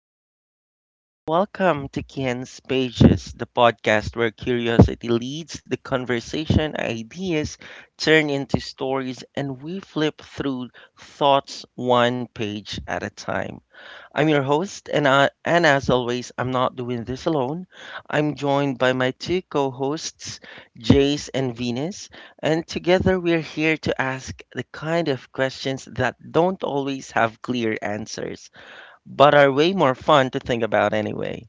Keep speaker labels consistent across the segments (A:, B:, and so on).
A: What's up, everyone, and welcome to Ken's Pages, the podcast where curiosity leads the conversation, ideas turn into stories, and we flip through thoughts one page at a time. I'm your host, and as always, I'm not doing this alone. I'm joined by my two co hosts, Jace and Venus, and together we're here to ask the kind of questions that don't always have clear answers but are way more fun to think about anyway.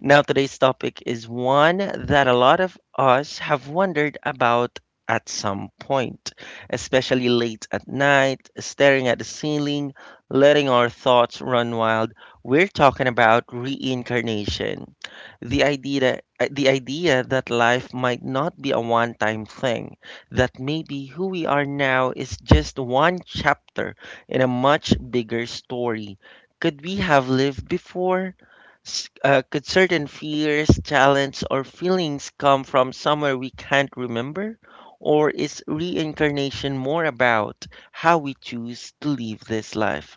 A: Now, today's topic is one that a lot of us have wondered about at some point, especially late at night, staring at the ceiling, letting our thoughts run wild. We're talking about reincarnation. The idea that life might not be a one-time thing, that maybe who we are now is just one chapter in a much bigger story. Could we have lived before? Could certain fears, talents, or feelings come from somewhere we can't remember? Or is reincarnation more about how we choose to live this life?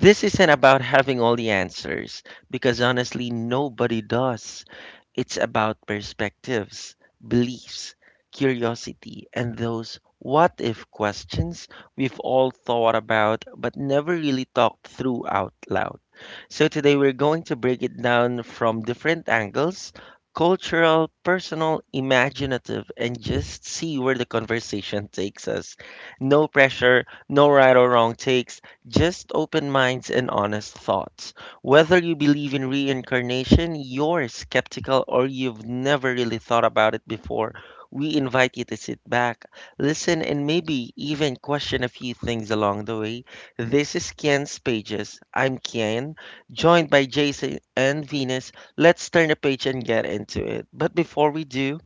A: This isn't about having all the answers, because honestly, nobody does. It's about perspectives, beliefs, curiosity, and those what if questions we've all thought about but never really talked through out loud. So today we're going to break it down from different angles: cultural, personal, imaginative, and just see where the conversation takes us. No pressure, no right or wrong takes, just open minds and honest thoughts. Whether you believe in reincarnation, you're skeptical, or you've never really thought about it before, we invite you to sit back, listen, and maybe even question a few things along the way. This is Kian's Pages. I'm Kian, joined by Jason and Venus. Let's turn the page and get into it. But before we do,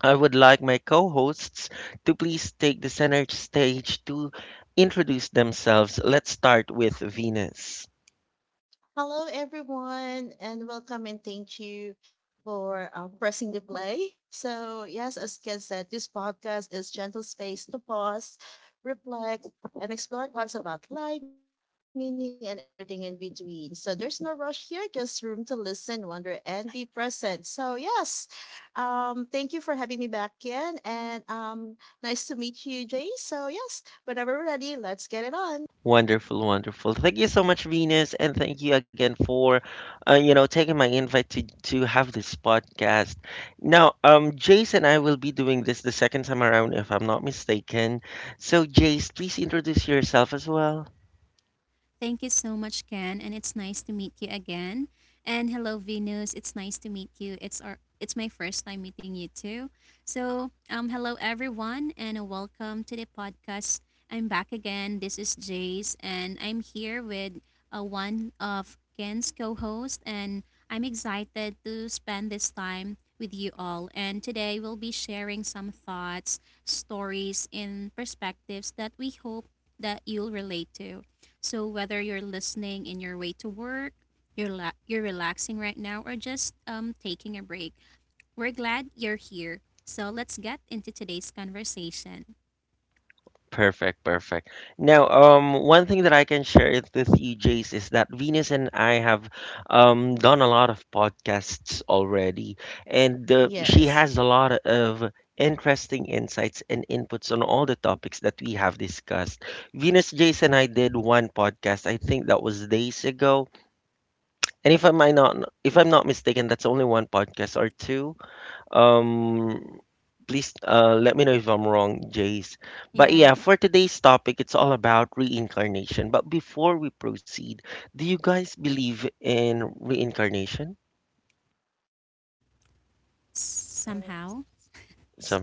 A: I would like my co hosts to please take the center stage to introduce themselves. Let's start with Venus.
B: Hello, everyone, and welcome and thank you for pressing the play. So yes, as Ken said, this podcast is gentle space to pause, reflect, and explore thoughts about life, meaning, and everything in between. So there's no rush here, just room to listen, wonder, and be present. So yes, thank you for having me back, Ken, and nice to meet you, Jay. So yes, whenever we're ready, let's get it on.
A: Wonderful, wonderful. Thank you so much, Venus, and thank you again for, you know, taking my invite to have this podcast. Now, Jace and I will be doing this the second time around, if I'm not mistaken. So, Jace, please introduce yourself as well.
C: Thank you so much, Ken, and it's nice to meet you again. And hello, Venus. It's nice to meet you. It's my first time meeting you too. So, hello everyone, and welcome to the podcast. I'm back again. This is Jace, and I'm here with one of Ken's co-host, and I'm excited to spend this time with you all. And today we'll be sharing some thoughts, stories, and perspectives that we hope that you'll relate to. So whether you're listening in your way to work, you're relaxing right now, or just taking a break, we're glad you're here. So let's get into today's conversation.
A: Perfect, perfect. Now, one thing that I can share it with you, Jace, is that Venus and I have done a lot of podcasts already, and she has a
B: Yes.
A: lot of interesting insights and inputs on all the topics that we have discussed. Venus, Jace, and I did one podcast. I think that was days ago, and if I'm
C: Y-
A: I not, if I'm not mistaken, that's only one podcast or two. Um, please let me know if I'm wrong, Jace. But
C: Yeah,
A: yeah, for today's topic, it's all about reincarnation. But before we proceed, do you guys believe in reincarnation
C: somehow.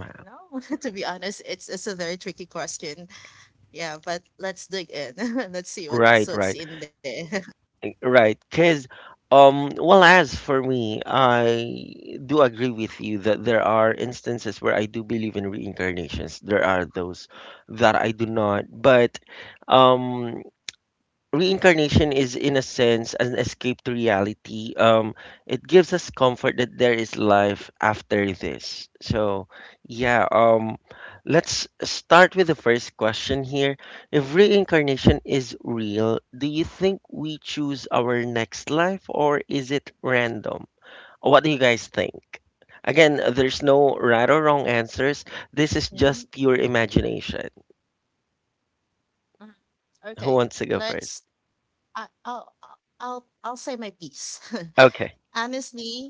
B: So I don't know. To be honest, it's a very tricky question. Yeah, but let's dig in. Let's
A: Right,
B: see
A: right,
B: what's in there.
A: right. Because, well, as for me, I do agree with you that there are instances where I do believe in reincarnations. There are those that I do not. But, um, reincarnation is in a sense an escape to reality. It gives us comfort that there is life after this. Yeah um let's start with the first question here. If reincarnation is real, do you think we choose our next life, or is it random? What do you guys think? Again, there's no right or wrong answers. This is
B: Mhm.
A: just pure imagination.
B: Mm.
A: Who
B: Okay,
A: wants to go first?
B: let's. I, I'll say my piece.
A: Okay.
B: Honestly,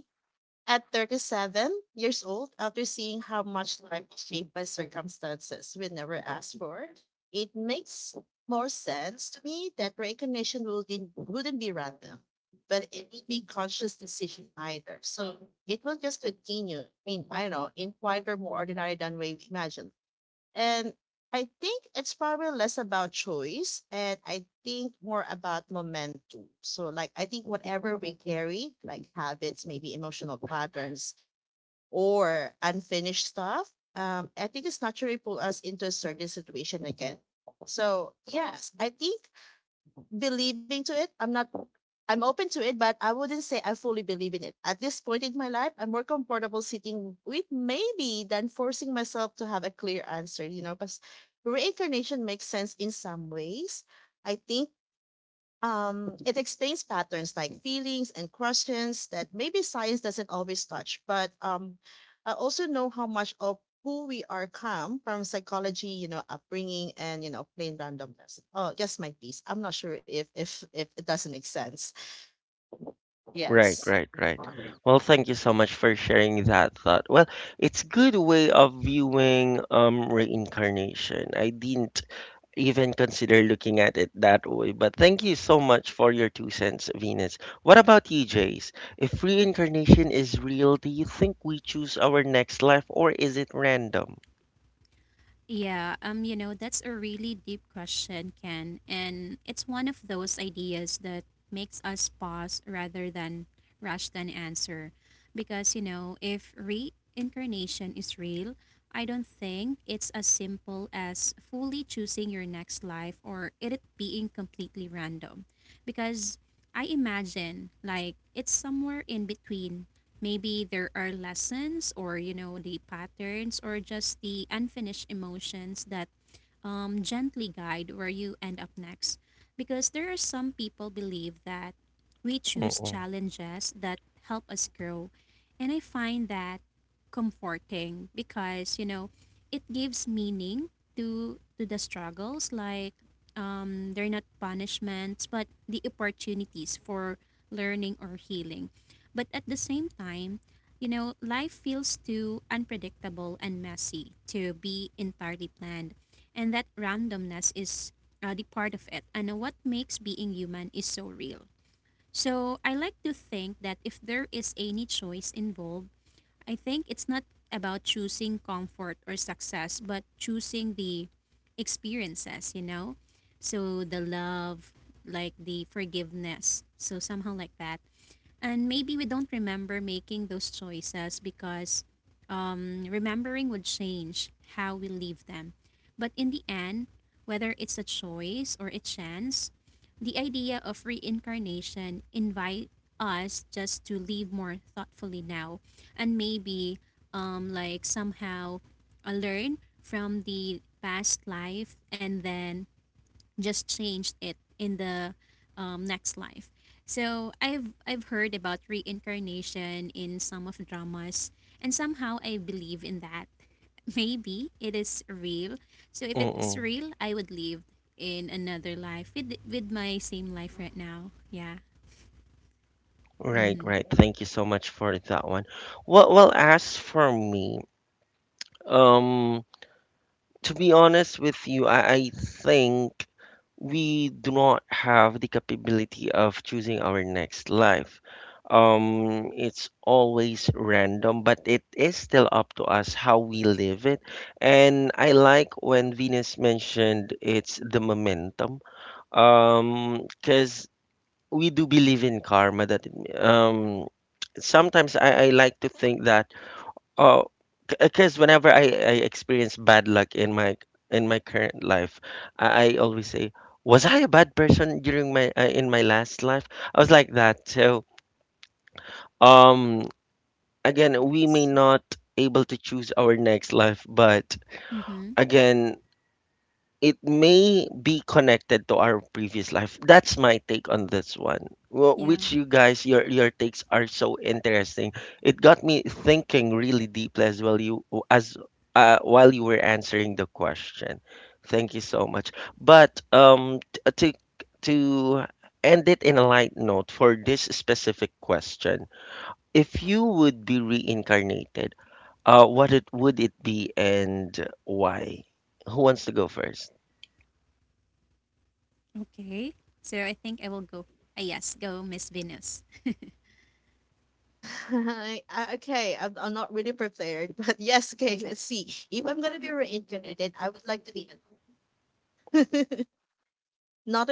B: at 37 years old, after seeing how much life is shaped by circumstances we never asked for, it makes more sense to me that recognition wouldn't be random, but it would be conscious decision either. So it will just continue. I mean, I don't know, in quieter, more ordinary than we imagined. And I think it's probably less about choice and I think more about momentum. So like, I think whatever we carry, like habits, maybe emotional patterns or unfinished stuff, I think it's naturally pull us into a certain situation again. So yes, I think believing to it. I'm not I'm open to it, but I wouldn't say I fully believe in it. At this point in my life, I'm more comfortable sitting with maybe than forcing myself to have a clear answer, you know, because reincarnation makes sense in some ways. I think it explains patterns like feelings and questions that maybe science doesn't always touch, but I also know how much of who we are come from psychology, you know, upbringing and you know, plain randomness. Oh, just my piece. I'm not sure if it doesn't make sense.
A: Right,
B: Yes.
A: right, right. Well, thank you so much for sharing that thought. Well, it's good way of viewing reincarnation. I didn't even consider looking at it that way, but thank you so much for your two cents, Venus. What about you, Jace? If reincarnation is real, do you think we choose our next life or is it random?
C: Yeah, you know, that's a really deep question, Ken. And it's one of those ideas that makes us pause rather than rush than answer. Because, you know, if reincarnation is real, I don't think it's as simple as fully choosing your next life or it being completely random. Because I imagine, like, it's somewhere in between. Maybe there are lessons or, you know, the patterns or just the unfinished emotions that gently guide where you end up next. Because there are some people believe that we choose
A: Mm-mm,
C: challenges that help us grow. And I find that comforting because, you know, it gives meaning to the struggles, like they're not punishments but the opportunities for learning or healing. But at the same time, you know, life feels too unpredictable and messy to be entirely planned, and that randomness is the part of it and what makes being human is so real. So I like to think that if there is any choice involved, I think it's not about choosing comfort or success but choosing the experiences, you know, so the love, like the forgiveness, so somehow like that. And maybe we don't remember making those choices because remembering would change how we leave them. But in the end, whether it's a choice or a chance, the idea of reincarnation invite us just to live more thoughtfully now, and maybe like somehow learn from the past life and then just changed it in the next life. So I've heard about reincarnation in some of the dramas, and somehow I believe in that. Maybe it is real. So if it's
A: mm-mm.
C: real, I would live in another life with my same life right now. Yeah.
A: Right, right. Thank you so much for that one. Well, well, as for me, um to be honest with you, I think we do not have the capability of choosing our next life. It's always random, but it is still up to us how we live it. And I like when Venus mentioned it's the momentum. Because we do believe in karma that um sometimes I like to think that, oh, because whenever I experience bad luck in my current life, I always say, was I a bad person during my in my last life? I was like that. So, um, again, we may
B: Yes.
A: not able to choose our next life, but
C: Mm-hmm.
A: again, it may be connected to our previous life. That's my take on this one. Well,
C: Yeah.
A: which you guys, your takes are so interesting. It got me thinking really deeply as well. You as while you were answering the question. Thank you so much. But to end it in a light note for this specific question, if you would be reincarnated, what it would it be and why? Who wants to go first?
C: Okay. So I think I will go. Yes, go Miss Venus.
B: Okay, I'm not really prepared, but yes, okay, let's see. If I'm gonna be reincarnated, I would like to be an elf.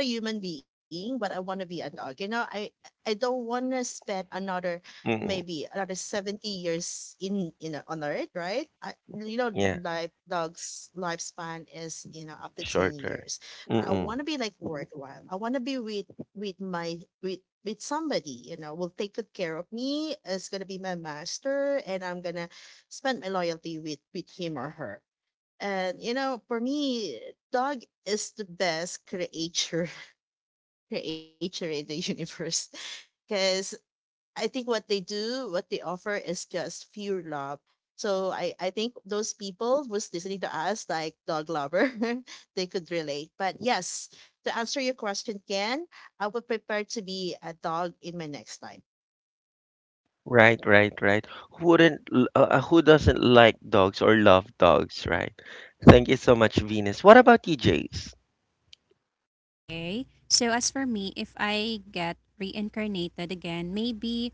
B: Not a human being, but I want to be a dog. You know, I don't want to spend another maybe another 70 years in on earth, right? I, you know,
A: Yeah,
B: like dogs lifespan is, you know, up to 10
A: shorter.
B: years. But I
A: Mm-mm.
B: want to be like worthwhile. I want to be with my with somebody, you know, will take good care of me, is gonna be my master, and I'm gonna spend my loyalty with him or her. And you know, for me, dog is the best creature in the universe. Because I think what they do, what they offer is just pure love. So I think those people who's listening to us, like dog lover, they could relate. But yes, to answer your question, Ken, I would prepare to be a dog in my next life.
A: Right, right, right. Who wouldn't, l- Who doesn't like dogs or love dogs, right? Thank you so much, Venus. What about you, Jace?
C: Okay. So as for me, if I get reincarnated again, maybe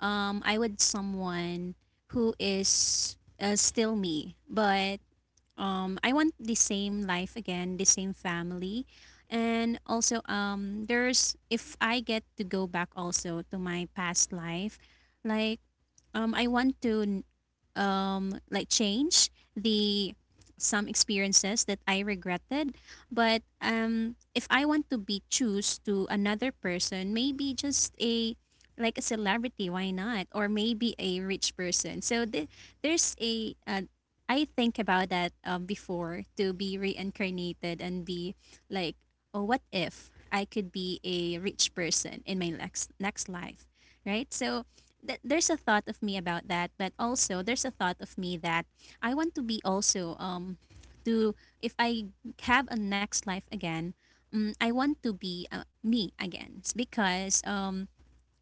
C: I would someone who is still me, but I want the same life again, the same family. And also, there's if I get to go back also to my past life, like I want to like change the some experiences that I regretted. But if I want to be choose to another person, maybe just a like a celebrity, why not, or maybe a rich person. So the, there's a I think about that, before to be reincarnated and be like, oh, what if I could be a rich person in my next next life, right? So there's a thought of me about that, but also there's a thought of me that I want to be also to if I have a next life again, I want to be me again. It's because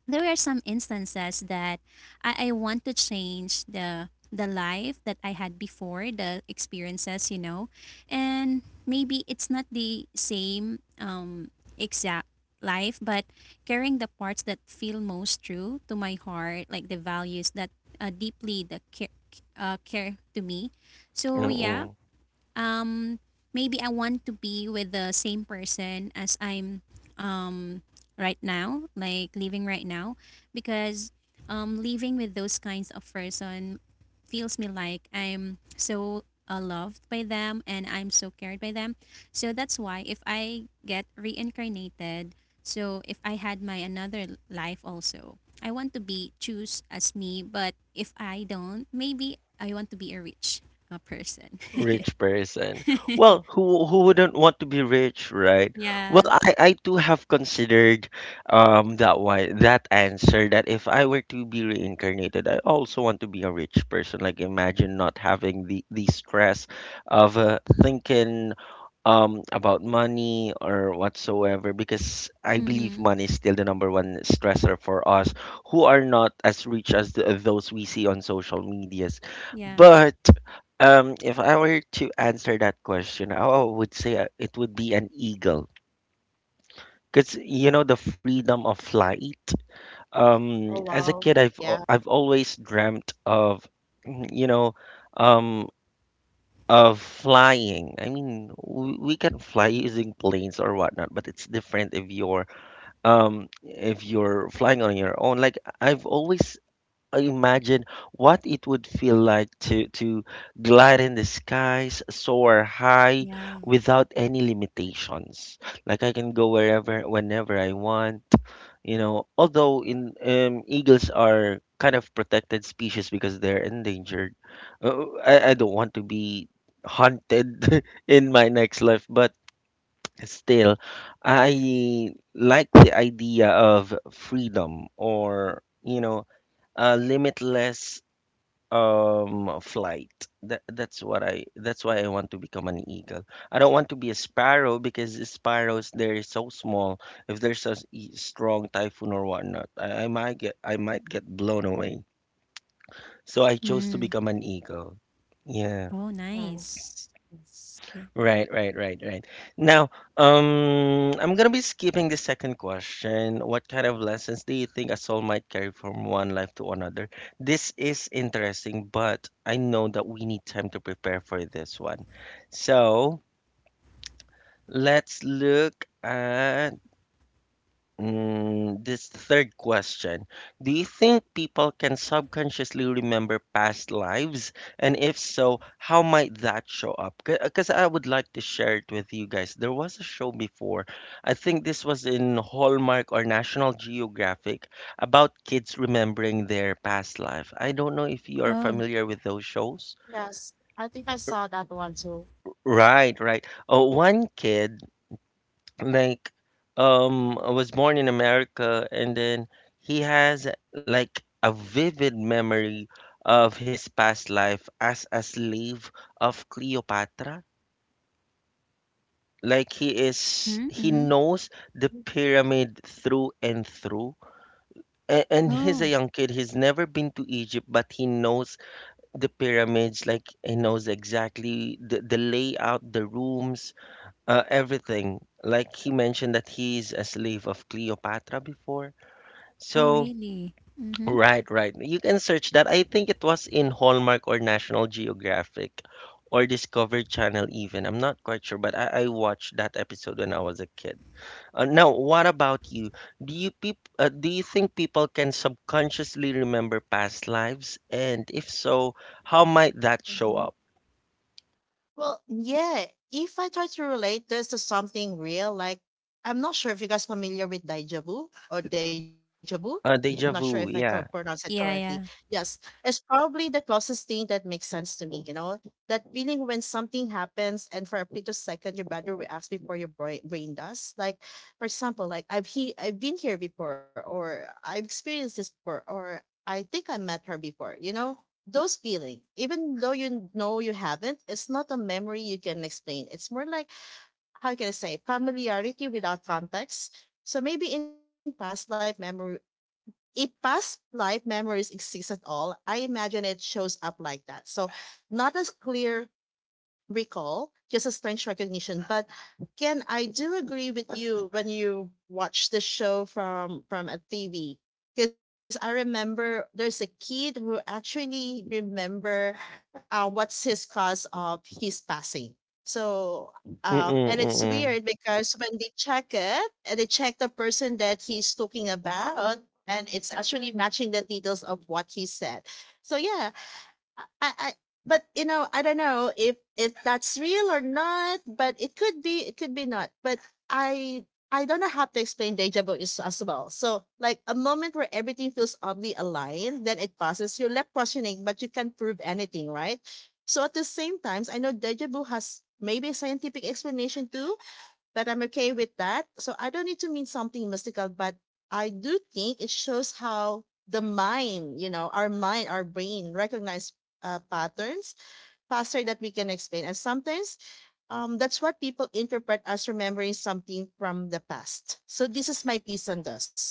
C: there are some instances that I want to change the life that I had before, the experiences, you know. And maybe it's not the same exact life, but carrying the parts that feel most true to my heart, like the values that deeply the care care to me. So yeah,
A: Mm-mm.
C: um maybe I want to be with the same person as I'm um right now, like living right now, because living with those kinds of person feels me like I'm so loved by them and I'm so cared by them. So that's why if I get reincarnated, so if I had my another life also, I want to be choose as me, but if I don't, maybe I want to be a rich person.
A: Rich person. Well, who wouldn't want to be rich, right? Well,
C: Yeah.
A: I too have considered that one that answer that if I were to be reincarnated, I also want to be a rich person. Like imagine not having the stress of thinking about money or whatsoever, because I believe
C: Mm-hmm.
A: money is still the number one stressor for us who are not as rich as the, those we see on social medias.
C: Yeah.
A: But if I were to answer that question, I would say it would be an eagle. Because you know the freedom of flight.
B: Oh,
A: As a
B: wow.
A: kid,
B: Yeah.
A: I've always dreamt of, mm, you know, um, of flying. I mean, we can fly using planes or whatnot, but it's different if you're flying on your own. Like I've always imagine what it would feel like to glide in the skies, soar high
C: Yeah.
A: without any limitations. Like I can go wherever, whenever I want. You know, although in eagles are kind of protected species because they're endangered. I don't want to be hunted in my next life, but still, I like the idea of freedom, or you know, a limitless flight. That's why I want to become an eagle. I don't want to be a sparrow because the sparrows they're so small. If there's a strong typhoon or whatnot, I might get I might get blown away, so I chose to
C: Mm.
A: become an eagle. Yeah.
C: Oh, nice.
B: Nice. Yes.
C: Yeah.
A: Right, right, right, right. Now, I'm gonna be skipping the second question. What kind of lessons do you think a soul might carry from one life to another? This is interesting, but I know that we need time to prepare for this one. So let's look at, mm, this third question. Do you think people can subconsciously remember past lives? And if so, how might that show up? Because I would like to share it with you guys. There was a show before, I think this was in Hallmark or National Geographic, about kids remembering their past life. I don't know if you are
C: Oh.
A: familiar with those shows.
B: Yes. I think I saw that one too.
A: Right, right. Oh, one kid, like, I was born in America, and then he has like a vivid memory of his past life as a slave of Cleopatra.
C: Mm-hmm.
A: He
C: Mm-hmm.
A: knows the pyramid through and through. And he's a
C: Oh.
A: young kid. He's never been to Egypt, but he knows the pyramids. Like he knows exactly the layout, the rooms, everything. Like he mentioned that he's a slave of Cleopatra before.
C: Oh,
A: So,
C: really? Mm-hmm.
A: right, right. You can search that. I think it was in Hallmark or National Geographic or Discovery Channel even. I'm not quite sure, but I watched that episode when I was a kid. Now, what about you? Do you think people can subconsciously remember past lives? And if so, how might that show up?
B: Well, yeah, if I try to relate this to something real, like I'm not sure if you guys familiar with deja vu or deja vu. Not sure if
A: Deja
B: I could
A: vu,
B: pronounce
A: yeah.
B: it correctly.
C: Yeah, yeah.
B: Yes, it's probably the closest thing that makes sense to me, you know? That feeling when something happens and for a split of second your body reacts before your brain does. Like, for example, like I've been here before or I've experienced this before or I think I met her before, you know? Those feelings, even though you know you haven't, it's not a memory you can explain, it's more like, how can I say, familiarity without context. So maybe in past life memory, if past life memories exist at all, I imagine it shows up like that. So not as clear recall, just as strange recognition. But Ken, I do agree with you when you watch the show from a TV. Because I remember there's a kid who actually remember what's his cause of his passing. So and
A: Mm-mm,
B: it's weird
A: mm-mm.
B: because when they check it, and they check the person that he's talking about, and it's actually matching the details of what he said. So yeah, I, I, I- but you know, I don't know if that's real or not. But it could be not. But I, I don't know how to explain deja vu is as well. So like a moment where everything feels oddly aligned, then it passes. You're left questioning, but you can't prove anything, right? So at the same times, I know deja vu has maybe a scientific explanation too, but I'm okay with that. So I don't need to mean something mystical, but I do think it shows how the mind, you know, our mind, our brain recognize patterns faster that we can explain. And sometimes that's what people interpret as remembering something from the past. So this is my piece on this.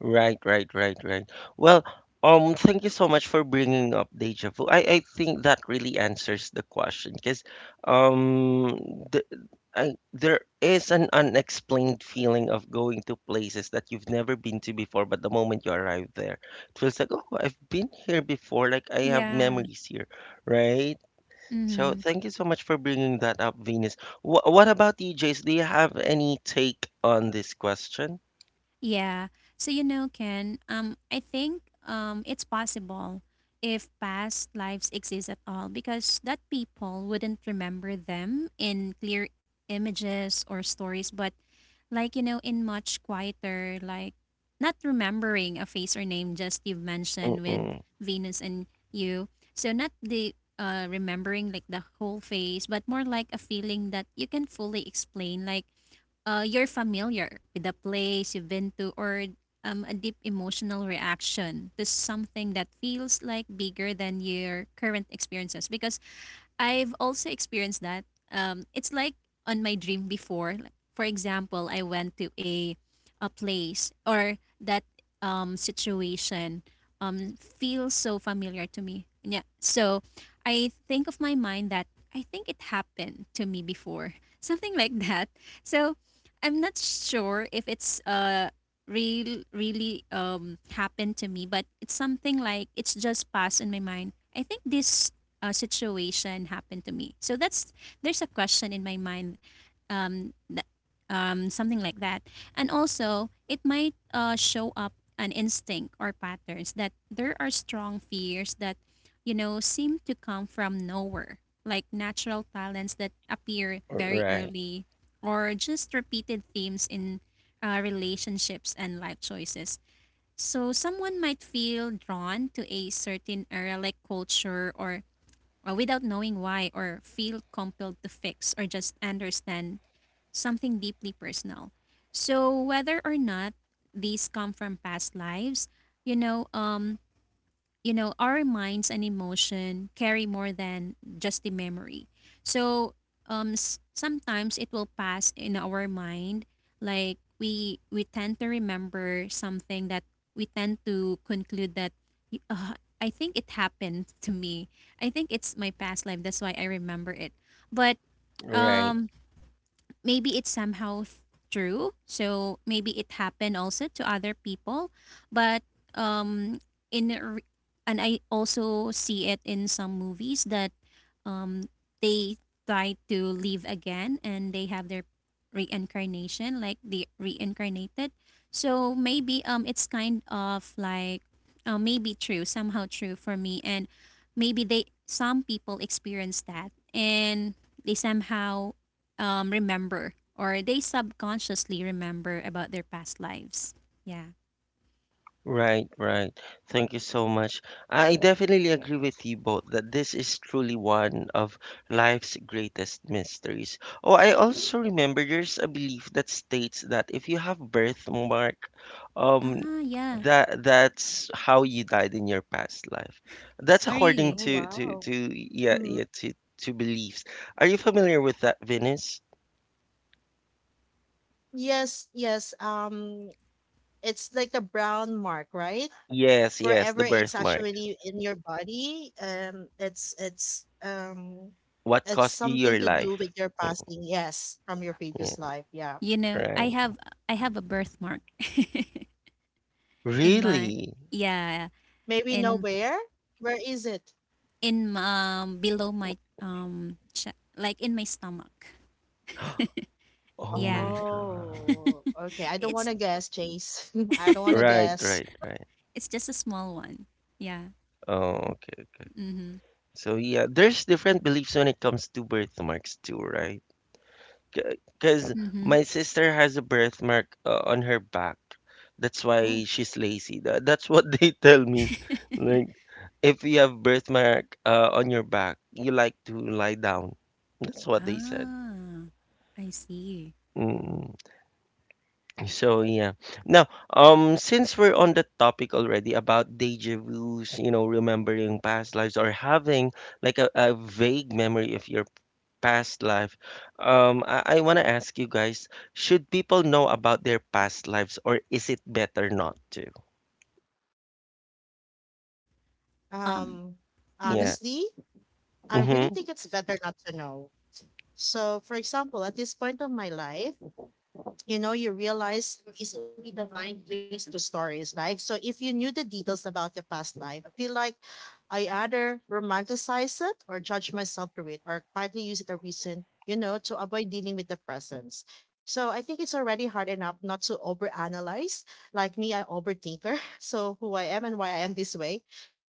A: Right, right, right, right. Well, thank you so much for bringing up deja vu. I think that really answers the question because um, the, there is an unexplained feeling of going to places that you've never been to before, but the moment you arrive there, it feels like, oh, I've been here before, like I have
C: Yeah.
A: memories here, right? So
C: Mm-hmm.
A: thank you so much for bringing that up, Venus. What about you, Jace? Do you have any take on this question?
C: Yeah. So you know, Ken, I think it's possible, if past lives exist at all, because that people wouldn't remember them in clear images or stories, but like you know in much quieter, like not remembering a face or name, just you've mentioned with
A: Mm-mm.
C: Venus and you, so not the remembering like the whole face, but more like a feeling that you can fully explain, like you're familiar with the place you've been to, or a deep emotional reaction to something that feels like bigger than your current experiences, because I've also experienced that. It's like on my dream before. Like, for example, I went to a place or that situation feels so familiar to me. Yeah. So I think of my mind that I think it happened to me before. Something like that. So I'm not sure if it's real really happened to me, but it's something like it's just passed in my mind. I think this situation happened to me. So that's there's a question in my mind, um, that, something like that. And also it might show up an instinct or patterns that there are strong fears that you know seem to come from nowhere, like natural talents that appear very
A: Right.
C: early, or just repeated themes in relationships and life choices. So someone might feel drawn to a certain area like culture or without knowing why, or feel compelled to fix or just understand something deeply personal. So whether or not these come from past lives, you know, um, you know, our minds and emotion carry more than just the memory. So sometimes it will pass in our mind. Like we tend to remember something that we tend to conclude that y- uh, I think it happened to me. I think it's my past life. That's why I remember it. But
A: Right,
C: um, maybe it's somehow true. So maybe it happened also to other people, but um, in a re- and I also see it in some movies that um they try to live again and they have their reincarnation, like they reincarnated. So maybe it's kind of like maybe true, somehow true for me, and maybe they some people experience that, and they somehow remember, or they subconsciously remember about their past lives. Yeah.
A: right, right. Thank you so much. I definitely agree with you both that this is truly one of life's greatest mysteries. Oh, I also remember there's a belief that states that if you have birthmark, um,
C: Ah, yeah.
A: that's how you died in your past life. That's
C: Oh,
A: according
C: really?
B: Oh,
A: to to
B: wow.
A: to yeah,
B: Mhm.
A: yeah, to beliefs. Are you familiar with that, Venus?
B: Yes, yes. It's like a brown mark, right?
A: Yes,
B: Wherever
A: yes, the
B: it's
A: birthmark.
B: actually in your body, it's
A: What
B: it's
A: cost you
B: something
A: your
B: to do with
A: life?
B: your passing, yes, from your
A: Yeah,
B: previous life. Yeah.
C: You know,
A: right.
C: I have a birthmark in my
A: Really?
C: yeah
B: Maybe
C: in
B: nowhere. Where is it?
C: in below my like in my stomach.
A: Oh
C: Yeah.
A: my God.
B: Oh okay, I don't want
C: It's
B: to guess, Chase. I don't want to
A: Right,
B: guess.
A: right, right.
C: it's just a small one. Yeah.
A: Oh, okay.
C: Mhm.
A: So yeah, there's different beliefs when it comes to birthmarks too, right? Because
C: Mhm.
A: my sister has a birthmark on her back. That's
C: Oh.
A: why she's lazy. That's what they tell me. Like, if you have birthmark on your back, you like to lie down. That's what they said.
C: Ah. I see.
A: Mm-hmm. So yeah. Now, since we're on the topic already about deja vus, you know, remembering past lives or having like a vague memory of your past life, I want to ask you guys, should people know about their past lives or is it better not to?
C: Um.
B: um
A: Yeah.
C: Mhm.
B: honestly, I really
A: Mm-hmm.
B: think it's better not to know. So for example, at this point of my life, you know, you realize there the mind divine place to stories, right? So if you knew the details about your past life, I feel like I either romanticize it or judge myself through it or quietly use it a reason, you know, to avoid dealing with the presence. So I think it's already hard enough not to overanalyze. Like me, I overthinker. So who I am and why I am this way,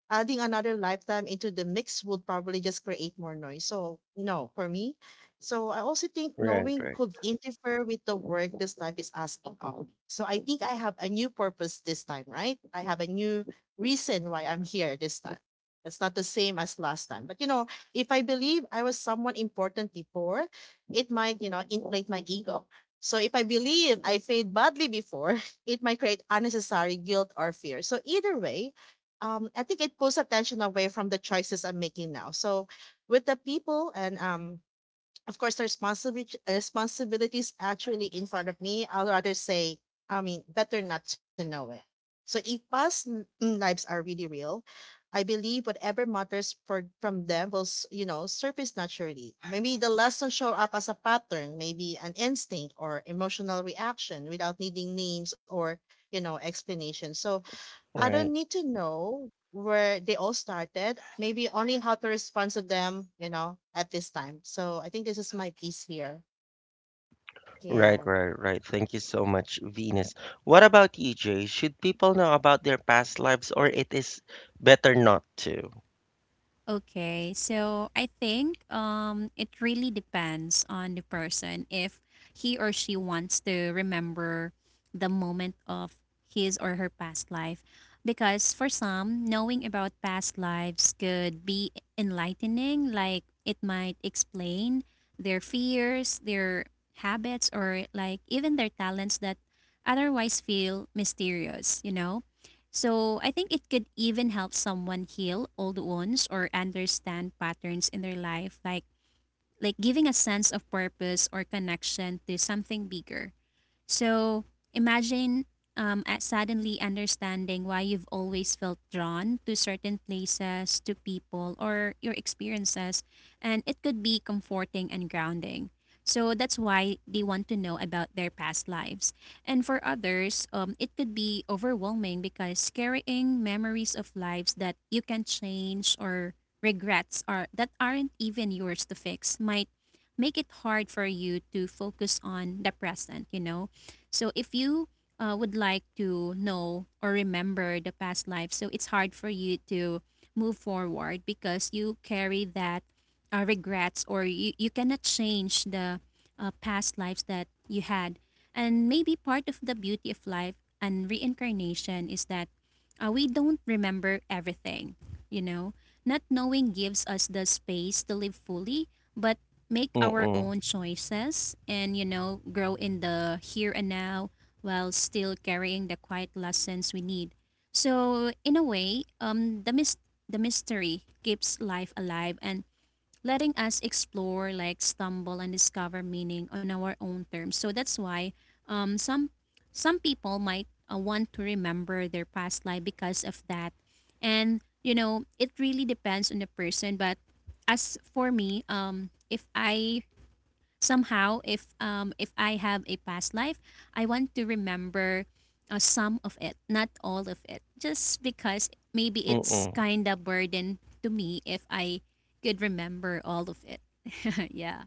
B: adding another lifetime into the mix would probably just create more noise. So no, for me. So I also think
A: Right,
B: knowing
A: right,
B: could interfere with the work this life is asking of. So I think I have a new purpose this time, right? I have a new reason why I'm here this time. It's not the same as last time. But you know, if I believe I was someone important before, it might, you know, inflate my ego. So if I believe I failed badly before, it might create unnecessary guilt or fear. So either way, I think it pulls attention away from the choices I'm making now. So with the people and of course the responsibility responsibilities actually in front of me, I'll rather say, I mean, better not to know it. So if lives are really real, I believe whatever matters for from them will, you know, surface naturally. Maybe the lesson show up as a pattern, maybe an instinct or emotional reaction without needing names or, you know, explanation. So I don't
A: right.
B: need to know where they all started. Maybe only how to respond to them, you know, at this time. So I think this is my piece here.
A: Right,
B: Yeah.
A: right, right. Thank you so much, Venus. What about you, Jay? Should people know about their past lives or it is better not to?
C: Okay, so I think, it really depends on the person if he or she wants to remember the moment of his or her past life. Because for some, knowing about past lives could be enlightening, like it might explain their fears, their habits, or like even their talents that otherwise feel mysterious, you know? So I think it could even help someone heal old wounds or understand patterns in their life, like giving a sense of purpose or connection to something bigger. So imagine, at suddenly understanding why you've always felt drawn to certain places, to people, or your experiences. And it could be comforting and grounding. So that's why they want to know about their past lives. And for others, it could be overwhelming because carrying memories of lives that you can change, or regrets are that aren't even yours to fix, might make it hard for you to focus on the present, you know? So if you would like to know or remember the past life, so it's hard for you to move forward because you carry that regrets, or you cannot change the past lives that you had. And maybe part of the beauty of life and reincarnation is that we don't remember everything, you know? Not knowing gives us the space to live fully, but make our
A: Mm-mm.
C: own choices and, you know, grow in the here and now while still carrying the quiet lessons we need. So, in a way, the mystery keeps life alive and letting us explore, like stumble and discover meaning on our own terms. So that's why, um, some some people might want to remember their past life because of that. And you know, it really depends on the person. But as for me, if I have a past life I want to remember some of it, not all of it, just because maybe it's
A: Mm-mm.
C: kind of burden to me if I could remember all of it yeah.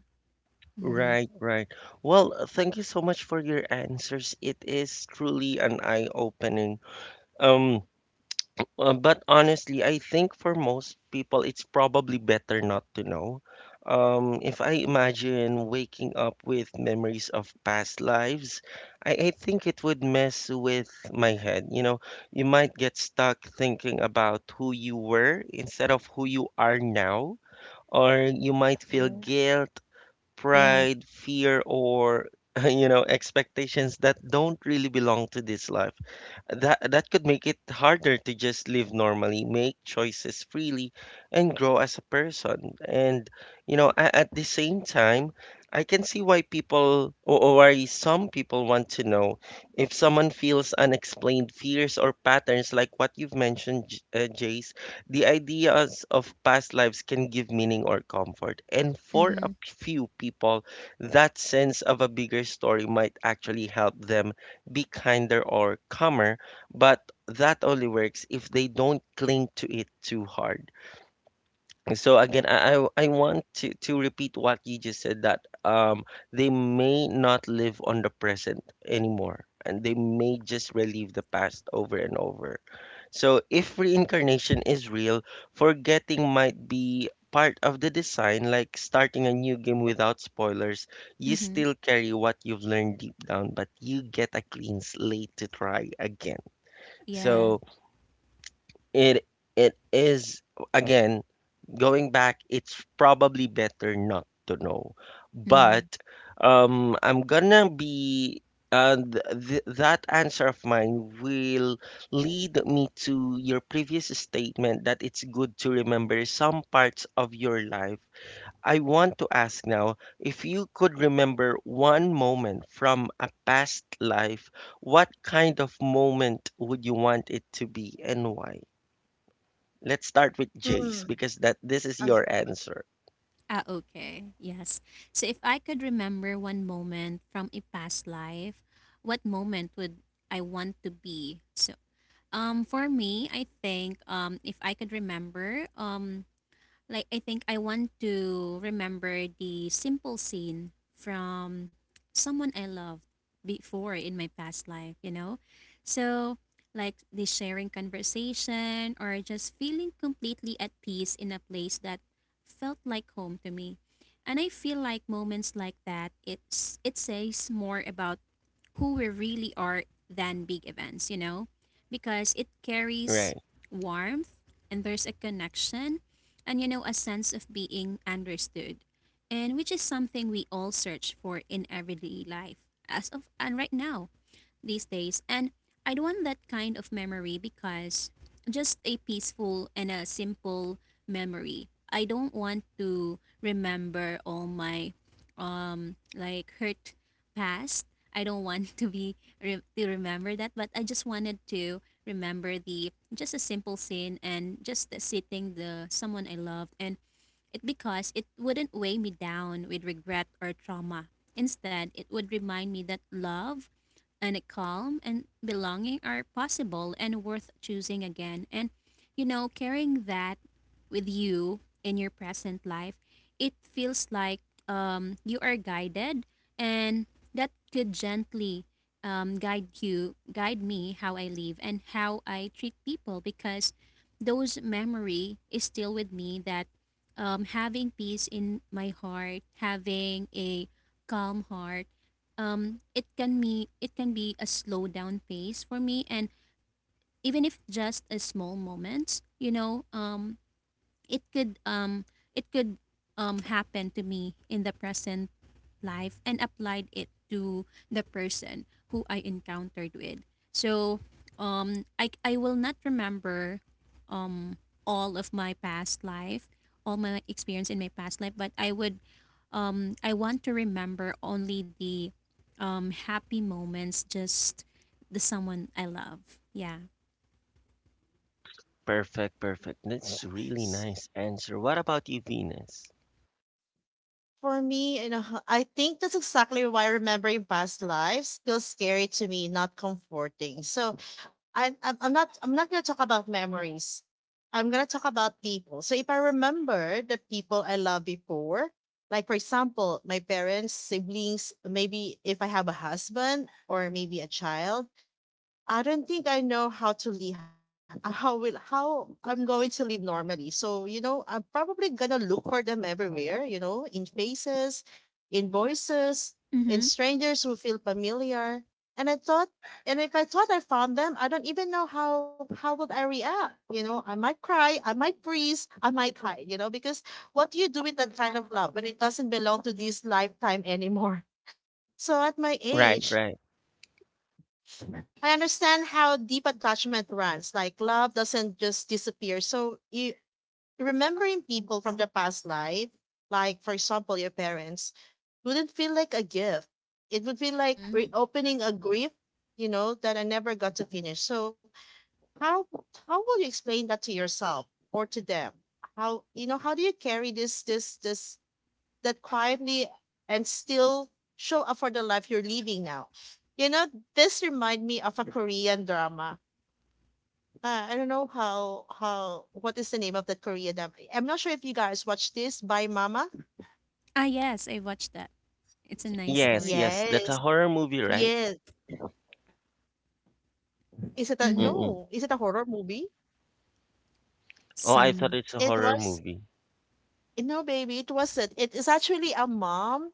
A: Right, right. Well, thank you so much for your answers. It is truly an eye-opening. Um, but honestly, I think for most people, it's probably better not to know. If I imagine waking up with memories of past lives, I think it would mess with my head. You know, you might get stuck thinking about who you were instead of who you are now. Or you might feel
B: Mhm.
A: guilt,
C: Yeah.
A: pride, fear, or expectations that don't really belong to this life. That could make it harder to just live normally, make choices freely, and grow as a person. And at the same time, I can see why people or why some people want to know if someone feels unexplained fears or patterns like what you've mentioned, Jace. The ideas of past lives can give meaning or comfort, and for a
C: Mm-hmm.
A: few people, that sense of a bigger story might actually help them be kinder or calmer, but that only works if they don't cling to it too hard. So again, I want to repeat what you just said that they may not live on the present anymore and they may just relive the past over and over. So if reincarnation is real, forgetting might be part of the design, like starting a new game without spoilers. You
C: Mm-hmm.
A: still carry what you've learned deep down, but you get a clean slate to try again.
C: Yeah.
A: So it it is, again, going back. It's probably better not to know,
C: Mm.
A: but I'm gonna be th th that answer of mine will lead me to your previous statement that it's good to remember some parts of your life. I want to ask now if you could remember one moment from a past life, what kind of moment would you want it to be and why? Let's start with Jace
B: Hmm.
A: because that this is
B: as-
A: your answer.
C: Ah, okay. Yes. So if I could remember one moment from a past life, what moment would I want to be? So, for me, I think if I could remember, like I think I want to remember the simple scene from someone I loved before in my past life, you know? So like the sharing conversation or just feeling completely at peace in a place that felt like home to me. And I feel like moments like that it says more about who we really are than big events, you know? Because it carries
A: Right.
C: warmth, and there's a connection, and you know, a sense of being understood, and which is something we all search for in everyday life as of and right now these days. And I don't want that kind of memory because just a peaceful and a simple memory. I don't want to remember all my like hurt past. I don't want to to remember that, but I just wanted to remember the just a simple scene and just the sitting the someone I loved, and it because it wouldn't weigh me down with regret or trauma. Instead, it would remind me that love and a calm and belonging are possible and worth choosing again. And you know, carrying that with you in your present life, it feels like you are guided, and that could gently guide me how I live and how I treat people because those memory is still with me. That having peace in my heart, having a calm heart, it can be a slow down pace for me, and even if just a small moments, you know, it could um, it could happen to me in the present life and applied it to the person who I encountered with. So I, will not remember um all of my past life, all my experience in my past life, but I would I want to remember only the happy moments, just the someone I love. Yeah.
A: Perfect, perfect. That's a really nice answer. What about you, Venus?
B: For me, you know, I think that's exactly why remembering past lives feels scary to me, not comforting. So I'm not gonna talk about memories. I'm gonna talk about people. So if I remember the people I loved before, like for example, my parents, siblings, maybe if I have a husband or maybe a child, I don't think I know how to leave how will how I'm going to live normally. So, you know, I'm probably gonna look for them everywhere, you know, in faces, in voices, in
C: Mhm.
B: strangers who feel familiar. And I thought and if I thought I found them, I don't even know how would I react. You know, I might cry, I might freeze, I might hide, you know, because what do you do with that kind of love when it doesn't belong to this lifetime anymore? So at my
A: Right,
B: age,
A: right.
B: I understand how deep attachment runs. Like love doesn't just disappear. So you remembering people from the past life, like for example your parents, wouldn't feel like a gift. It would feel like
C: Mhm.
B: reopening a grief, you know, that I never got to finish. So how how will you explain that to yourself or to them? How, you know, how do you carry this this that quietly and still show up for the life you're living now. You know, this remind me of a Korean drama. I don't know how what is the name of that Korean drama. I'm not sure if you guys watch this by Mama.
C: Ah yes, I watched that. It's a nice
A: Yes,
C: story.
A: yes. That's a
B: Yes.
A: horror movie, right?
B: Yes. Is it a
C: Mhm.
A: Mm-mm.
B: no? Is it a horror movie?
A: Oh, I thought
C: Some
A: it's a
B: It
A: horror
B: was,
A: movie.
B: no baby, it wasn't. It is actually a mom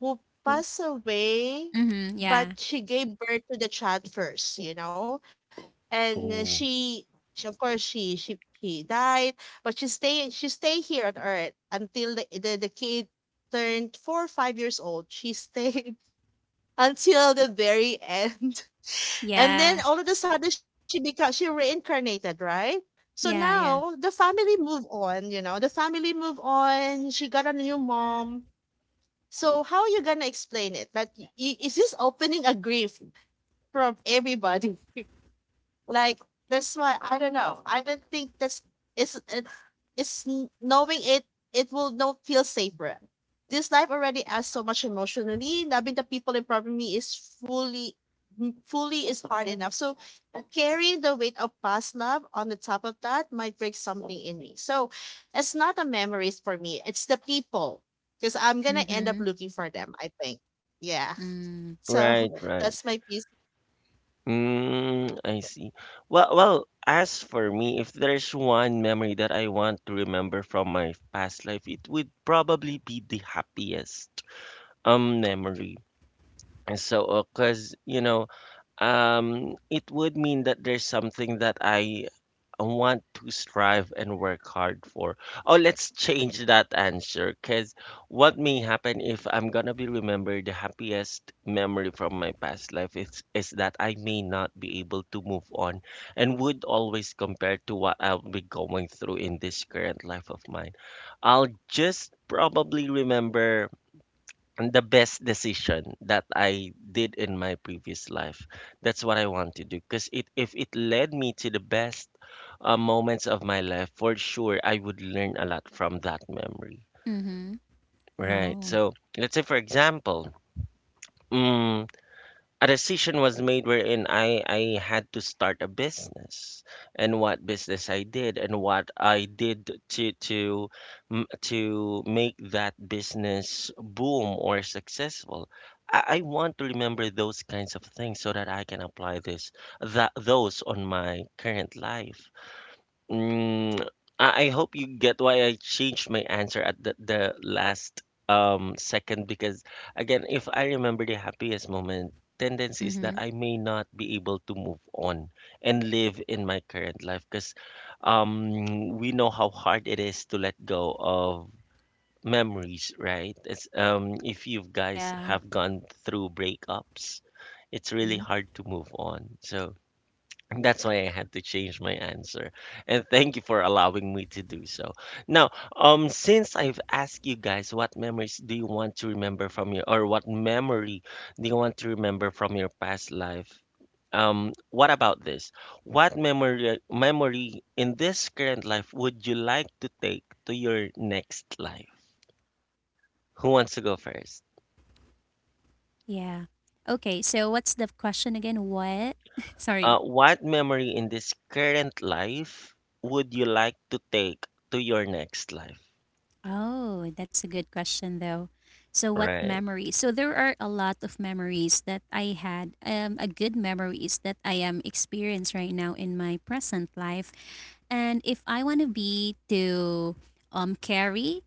B: who
C: who.
B: passed away,
C: Mhm. Yeah.
B: but she gave birth to the child first, you know? And
A: Ooh.
B: she of course she died, but she stay here on Earth until the kid turned 4 or 5 years old. She stayed until the very end. And then
C: Yeah.
B: all of a sudden she reincarnated, right? So
C: Yeah,
B: now
C: yeah.
B: the family move on, the family move on. She got a new mom. So how you gonna explain it? Is this opening a grief from everybody? Like that's why I don't know. I don't think that's it's it's, it's n- knowing it it will no feel safer. This life already asks so much emotionally. Loving the people in front of me fully is hard enough. So carrying the weight of past love on the top of that might break something in me. So it's not the memories for me. It's the people. Because I'm gonna end up
C: Mhm.
B: looking for them, I think. Yeah.
C: Mm.
B: So
A: Right, right.
B: that's my piece.
A: Mm, I see. Well, as for me, if there's one memory that I want to remember from my past life, it would probably be the happiest memory. And so, cause it would mean that there's something that I want to strive and work hard for. Oh, let's change that answer because what may happen if I'm gonna be remembered the happiest memory from my past life is that I may not be able to move on and would always compare to what I'll be going through in this current life of mine. I'll just probably remember the best decision that I did in my previous life. That's what I want to do. Because if it led me to the best moments of my life, for sure, I would learn a lot from that memory.
C: Mhm.
A: Right.
C: Oh.
A: So let's say, for example, mm a decision was made wherein I had to start a business and what business I did and what I did to make that business boom or successful. I want to remember those kinds of things so that I can apply this that those on my current life. Mm, I hope you get why I changed my answer at the last second because again, if I remember the happiest moment, tendency is that
C: Mhm.
A: I may not be able to move on and live in my current life because we know how hard it is to let go of memories, right? It's, if you guys
C: Yeah.
A: have gone through breakups, it's really
C: Mhm.
A: hard to move on. So that's why I had to change my answer. And thank you for allowing me to do so. Now, since I've asked you guys what memories do you want to remember from your or what memory do you want to remember from your past life? What about this? What memory in this current life would you like to take to your next life? Who wants to go first?
C: Yeah. Okay, so what's the question again? What? Sorry.
A: What memory in this current life would you like to take to your next life?
C: Oh, that's a good question though. So what
A: Right.
C: memories? So there are a lot of memories that I had, a good memories that I am experienced right now in my present life. And if I want to be to carry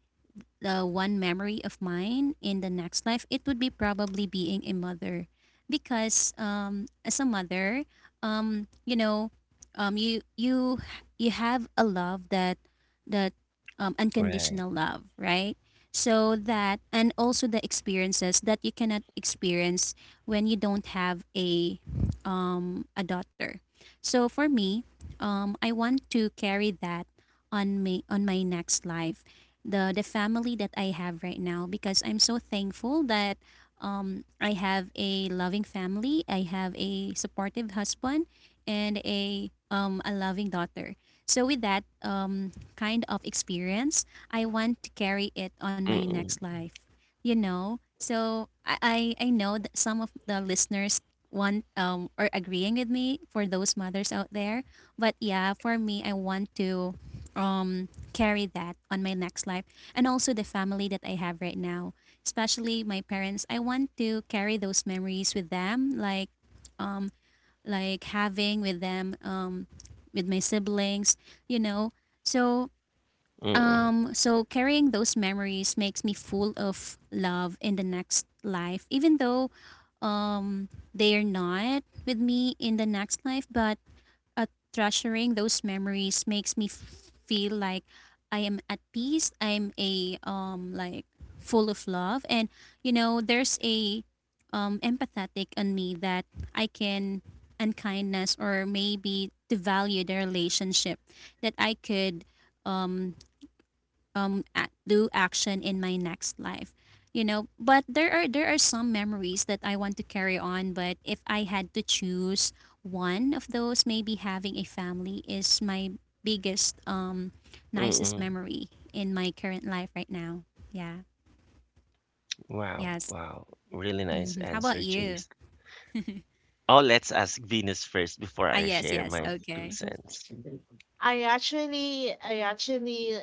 C: the one memory of mine in the next life, it would be probably being a mother. Because as a mother, you know, um, you have a love that,
A: Right.
C: unconditional love, right? So that, and also the experiences that you cannot experience when you don't have a daughter. So for me, I want to carry that on me on my next life, the family that I have right now, because I'm so thankful that I have a loving family, I have a supportive husband, and a loving daughter. So with that kind of experience, I want to carry it on my
A: Mm-mm.
C: next life. You know, so I know that some of the listeners want or agreeing with me for those mothers out there, but yeah, for me, I want to carry that on my next life, and also the family that I have right now, especially my parents. I want to carry those memories with them, um like having with them with my siblings, you know. So
A: Mm-mm.
C: so carrying those memories makes me full of love in the next life, even though they are not with me in the next life, but uh, treasuring those memories makes me feel like I am at peace. I'm a like full of love, and you know, there's a empathetic on me that I can unkindness or maybe devalue the relationship that I could um, do action in my next life, you know. But there are, there are some memories that I want to carry on, but if I had to choose one of those, maybe having a family is my biggest nicest
A: Mm-mm.
C: memory in my current life right now. Yeah.
A: Wow.
C: Yes.
A: Wow. Really nice
C: Hmm, how about
A: answer,
C: you?
A: Jace. Oh, let's ask Venus first before
C: Ah
A: I
C: yes,
A: share
C: yes,
A: my two
C: okay.
A: cents.
B: I actually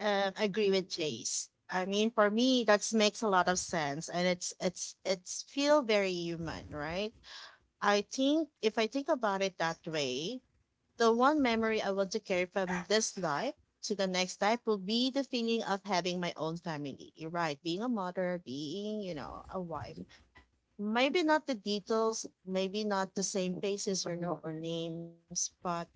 B: agree with Jace. I mean, for me, that makes a lot of sense, and it's feel very human, right? I think if I think about it that way, the one memory I want to carry from this life to the next life will be the feeling of having my own family. You're right, being a mother, being you know a wife. Maybe not the details, maybe not the same faces or no or names, but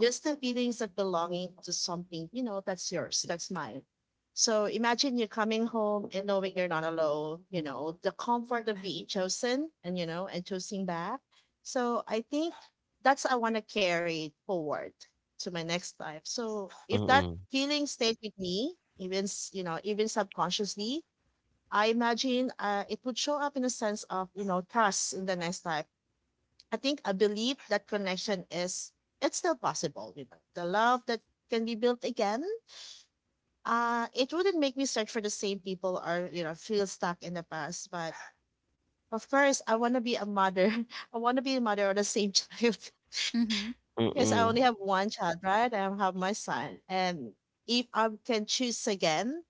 B: just the feelings of belonging to something, you know, that's yours, that's mine. So imagine you coming home and knowing you're not alone, you know, the comfort of being chosen and, you know, and choosing back. So I think that's I want to carry forward to my next life. So if that
A: Mm-mm.
B: feeling stayed with me, even, you know, even subconsciously, I imagine it would show up in a sense of, you know, trust in the next life. I think I believe that connection is it's still possible, you know. The love that can be built again. It wouldn't make me search for the same people or, you know, feel stuck in the past. But of course I wanna be a mother. I wanna be a mother of the same child.
C: Mm-hmm.
B: Because I only
A: Mm-mm.
B: have one child, right? I have my son. And if I can choose again,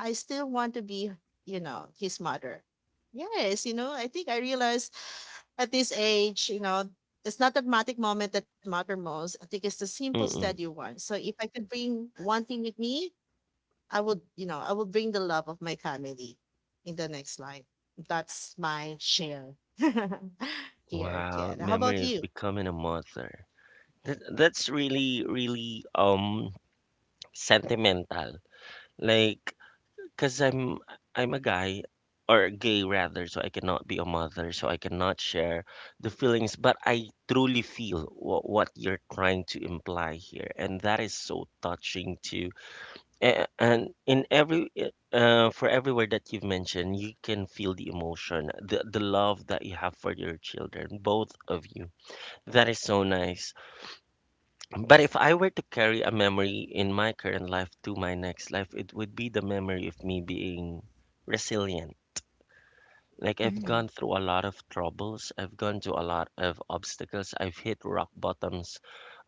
B: I still want to be, you know, his mother. Yes, you know, I think I realized at this age, you know, it's not the dramatic moment that matter most. I think it's the simple, steady
A: Mm-mm.
B: one. So if I could bring one thing with me, I would, you know, I would bring the love of my family in the next life. That's my share here,
A: Wow.
B: kid. How about
A: Memory of
B: you?
A: becoming a mother. That's really, really sentimental. Like, 'cause I'm a guy or gay rather, so I cannot be a mother, so I cannot share the feelings, but I truly feel what you're trying to imply here, and that is so touching too. And in for every word that you've mentioned, you can feel the emotion, the love that you have for your children, both of you. That is so nice. But if I were to carry a memory in my current life to my next life, it would be the memory of me being resilient. Like I've
C: Mm-hmm.
A: gone through a lot of troubles, I've gone through a lot of obstacles, I've hit rock bottoms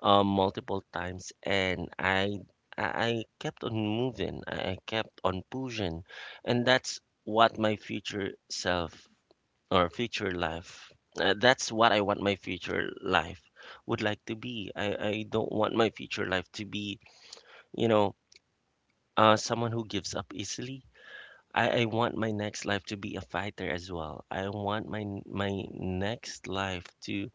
A: multiple times, and I I kept on moving, I kept on pushing, and that's what my future self or future life. That's what I want my future life would like to be. I don't want my future life to be, you know, someone who gives up easily. I want my next life to be a fighter as well. I want my next life to,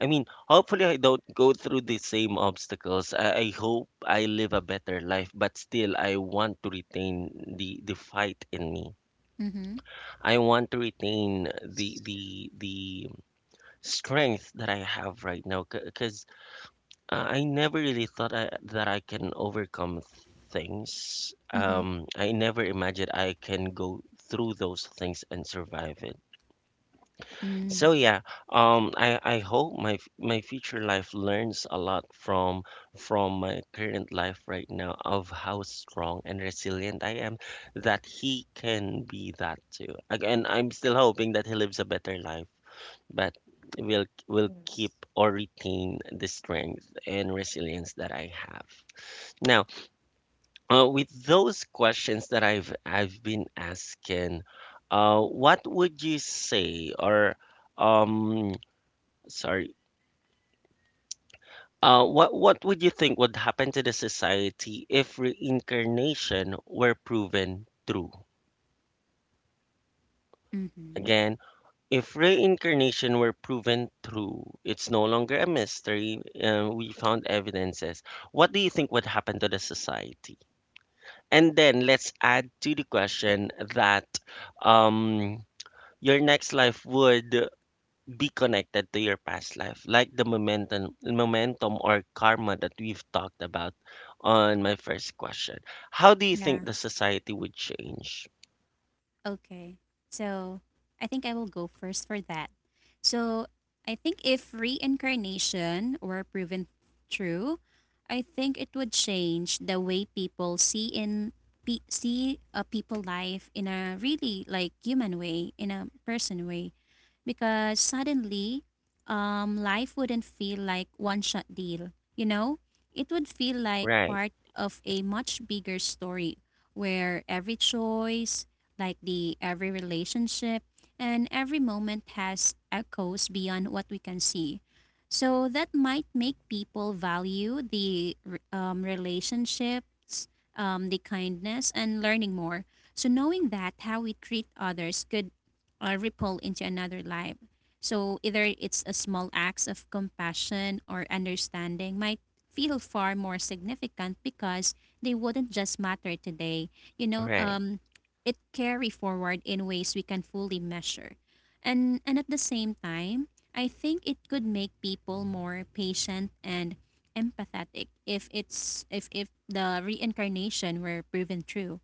A: I mean, hopefully I don't go through the same obstacles. I hope I live a better life, but still I want to retain the fight in me.
C: Mm-hmm.
A: I want to retain the strength that I have right now because I never really thought that I can overcome things.
C: Mm-hmm.
A: I never imagined I can go through those things and survive it. So
B: Mhm.
A: yeah, I hope my future life learns a lot from my current life right now of how strong and resilient I am that he can be that too. Again, I'm still hoping that he lives a better life, but will
B: Yes.
A: keep or retain the strength and resilience that I have. Now, with those questions that I've been asking, what would you say or, um sorry, what would you think would happen to the society if reincarnation were proven true?
C: Mm-hmm.
A: Again, if reincarnation were proven true, it's no longer a mystery. We found evidences. What do you think would happen to the society? And then let's add to the question that, um, your next life would be connected to your past life, like the momentum or karma that we've talked about on my first question. How do you think
C: Yeah.
A: the society would change?
C: Okay. So I think I will go first for that. So I think if reincarnation were proven true, I think it would change the way people see a people life in a really like human way, in a person way, because suddenly life wouldn't feel like one shot deal, you know? It would feel like
A: Right,
C: part of a much bigger story where every choice, like the every relationship and every moment has echoes beyond what we can see. So that might make people value relationships, the kindness, and learning more. So knowing that how we treat others could ripple into another life. So either it's a small acts of compassion or understanding might feel far more significant because they wouldn't just matter today. You know,
A: right,
C: it carry forward in ways we can fully measure. And at the same time, I think it could make people more patient and empathetic if it's if the reincarnation were proven true.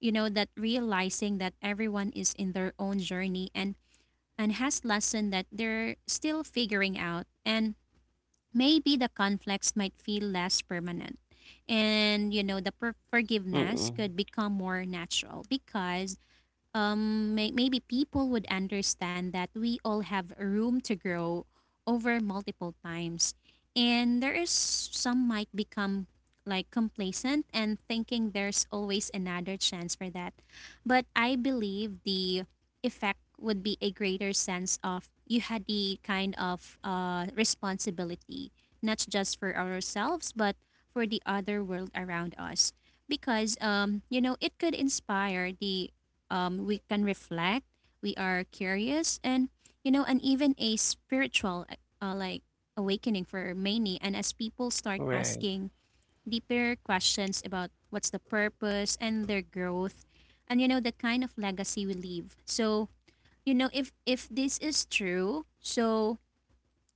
C: You know, that realizing that everyone is in their own journey and has lesson that they're still figuring out, and maybe the conflicts might feel less permanent, and you know, forgiveness
A: mm-mm,
C: could become more natural because maybe people would understand that we all have room to grow over multiple times, and there is some might become like complacent and thinking there's always another chance for that. But I believe the effect would be a greater sense of you had the kind of responsibility not just for ourselves but for the other world around us, because you know, it could inspire the we can reflect, we are curious, and you know, and even a spiritual like awakening for many. And as people start
A: right,
C: asking deeper questions about what's the purpose and their growth, and you know, the kind of legacy we leave. So you know, if this is true, so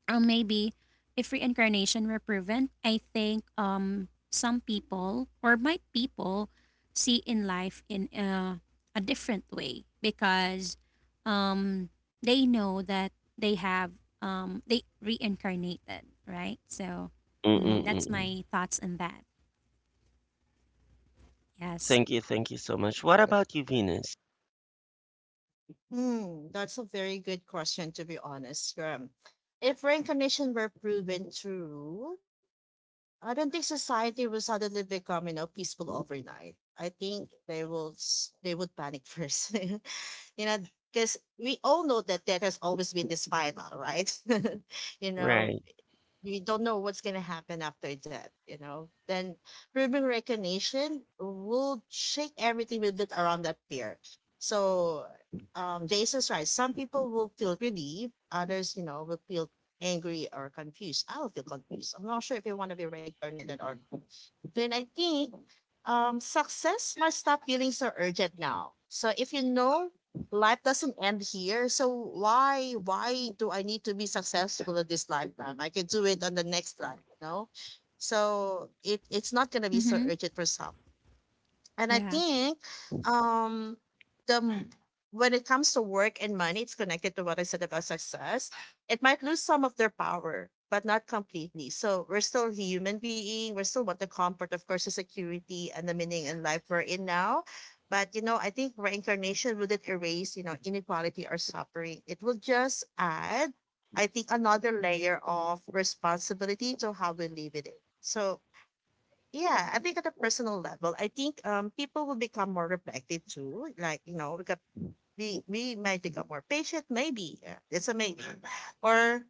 C: or maybe if reincarnation were proven, I think some people or my people see in life in a different way because um they know that they have they reincarnated, right? So mm,
A: mm-mm,
C: that's
A: mm-mm.
C: my thoughts on that. Yes.
A: Thank you so much. What about you, Venus?
B: Mm, that's a very good question, to be honest. Graham, if reincarnation were proven true, I don't think society will suddenly become, you know, peaceful overnight. I think they would panic first. You know, because we all know that that has always been this final, right? You know,
A: Right.
B: we don't know what's going to happen after that, you know. Then Ruben recognition will shake everything a bit around that fear. So Jason's right. Some people will feel relieved, others, you know, will feel angry or confused. I'll feel confused. I'm not sure if you want to be reincarnated or not. Then I think success must stop feeling so urgent now. So if you know life doesn't end here. So why do I need to be successful in this lifetime? I can do it on the next life, no? So it's not gonna be so
C: Mhm.
B: urgent for some. And I
C: Yeah.
B: think um the m- when it comes to work and money, it's connected to what I said about success. It might lose some of their power, but not completely. So we're still human being. We still want the comfort, of course, the security and the meaning in life we're in now. But you know, I think reincarnation wouldn't erase, you know, inequality or suffering. It will just add, I think, another layer of responsibility to how we live it. So yeah, I think at a personal level, I think people will become more reflective too. Like, you know, because we might become more patient, maybe. Yeah, it's a maybe. Or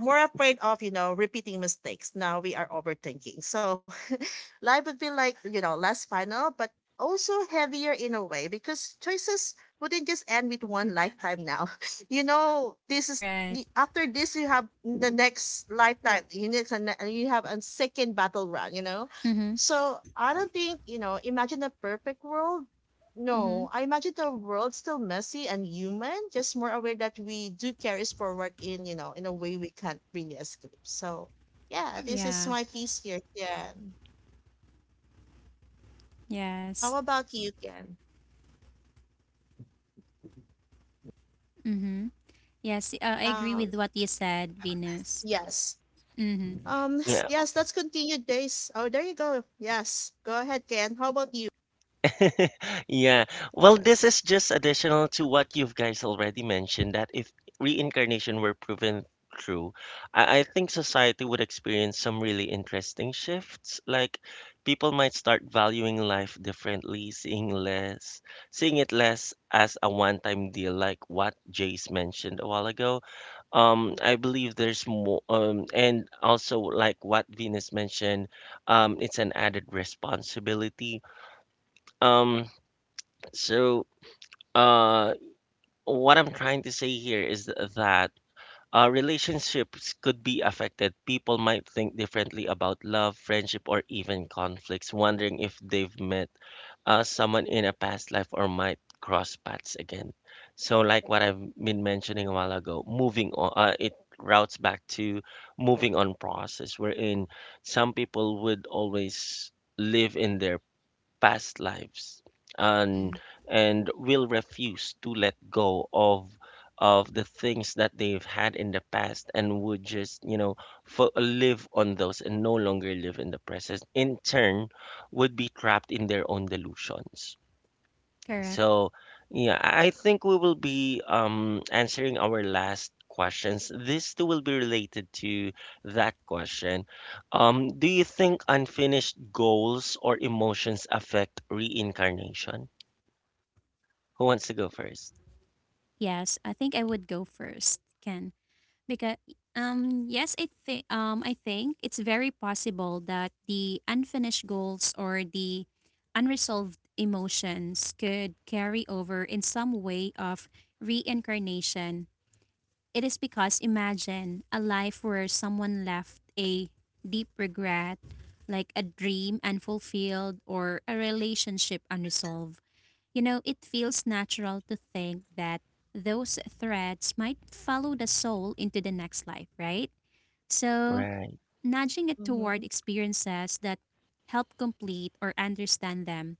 B: more afraid of, you know, repeating mistakes. Now we are overthinking. So life would be like, you know, less final, but also heavier in a way because choices wouldn't just end with one lifetime now. You know, this is
C: Right.
B: after this you have the next lifetime you you have a second battle round you know,
C: Mhm.
B: so I don't think you know imagine a perfect world. No,
C: Mhm.
B: I imagine the world's still messy and human, just more aware that we do carries forward in, you know, in a way we can't really escape. So yeah, this is
C: Yeah.
B: my piece here, Ken. How
C: Yes.
B: about you, Ken?
C: Mhm. Yes, I agree
B: Um,
C: with what you said, Venus.
B: yes.
C: Mhm.
A: Yeah.
B: Yes, let's continue this. Oh, there you go. Yes. Go ahead, Ken. How about you?
A: Yeah. Well, this is just additional to what you've guys already mentioned that if reincarnation were proven true, I think society would experience some really interesting shifts. Like people might start valuing life differently, seeing it less as a one-time deal, like what Jace mentioned a while ago. I believe there's more, and also like what Venus mentioned, it's an added responsibility. Um, so, uh, what I'm trying to say here is that relationships could be affected. People might think differently about love, friendship, or even conflicts, wondering if they've met someone in a past life or might cross paths again. So, like what I've been mentioning a while ago, moving on, it routes back to moving on process, wherein some people would always live in their past lives and
C: Mhm.
A: and will refuse to let go of the things that they've had in the past and would just live on those and no longer live in the present, in turn would be trapped in their own delusions.
C: Correct.
A: So, yeah, I think we will be, answering our last questions. This too will be related to that question. Do you think unfinished goals or emotions affect reincarnation? Who wants to go first?
C: Yes, I think I would go first, Ken, because yes, I think it's very possible that the unfinished goals or the unresolved emotions could carry over in some way of reincarnation. It is because imagine a life where someone left a deep regret, like a dream unfulfilled or a relationship unresolved. You know, it feels natural to think that those threads might follow the soul into the next life, right? So,
A: Right.
C: nudging it toward
B: Mm-hmm.
C: experiences that help complete or understand them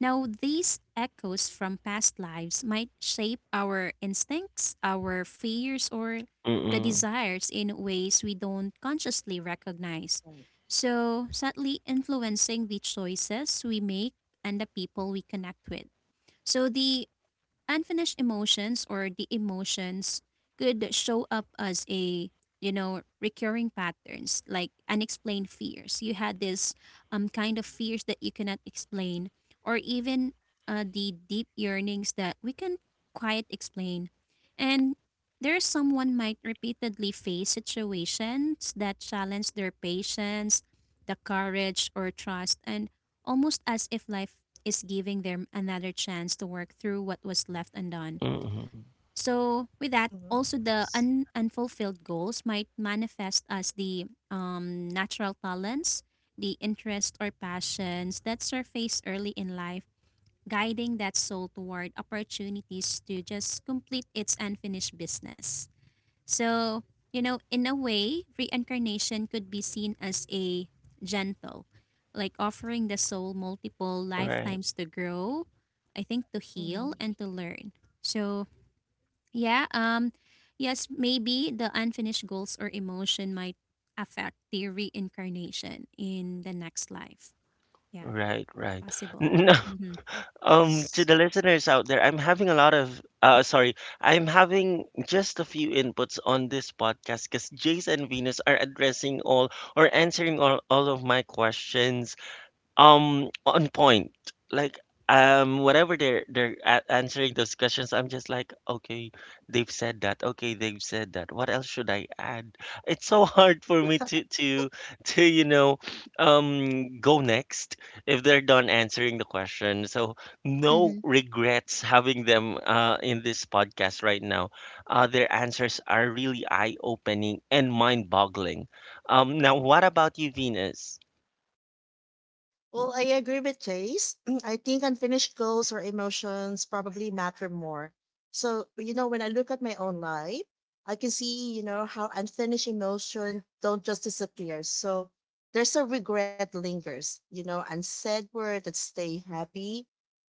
C: now, these echoes from past lives might shape our instincts, our fears, or the
A: Mm-mm.
C: desires in ways we don't consciously recognize.
B: Right.
C: So, sadly, influencing the choices we make and the people we connect with. So, the unfinished emotions or the emotions could show up as a you know recurring patterns like unexplained fears. You had this kind of fears that you cannot explain, or even the deep yearnings that we can quite explain, and there's someone might repeatedly face situations that challenge their patience, the courage or trust, and almost as if life is giving them another chance to work through what was left undone.
A: Mm-mm.
C: So, with that,
B: Mm-hmm.
C: also unfulfilled goals might manifest as the natural talents, the interests or passions that surface early in life, guiding that soul toward opportunities to just complete its unfinished business. So, you know, in a way, reincarnation could be seen as a gentle, like offering the soul multiple
A: Right.
C: lifetimes to grow, I think to
B: Mm-hmm.
C: heal and to learn. So, yeah, yes, maybe the unfinished goals or emotion might affect the reincarnation in the next life. Yeah,
A: Right. Right.
C: possible.
A: No.
C: Mhm.
A: To the listeners out there, I'm having a lot of, sorry, I'm having just a few inputs on this podcast because Jace and Venus are addressing all or answering all of my questions, on point. Like, whatever they're answering those questions, I'm just like, okay, they've said that. Okay, they've said that. What else should I add? It's so hard for me to go next if they're done answering the question. So no
C: Mhm.
A: regrets having them in this podcast right now. Their answers are really eye-opening and mind-boggling. Now what about you, Venus?
B: Well, I agree with Chase. I think unfinished goals or emotions probably matter more. So, you know, when I look at my own life, I can see, you know, how unfinished emotion don't just disappear. So there's a regret lingers, you know, unsaid word that stay happy,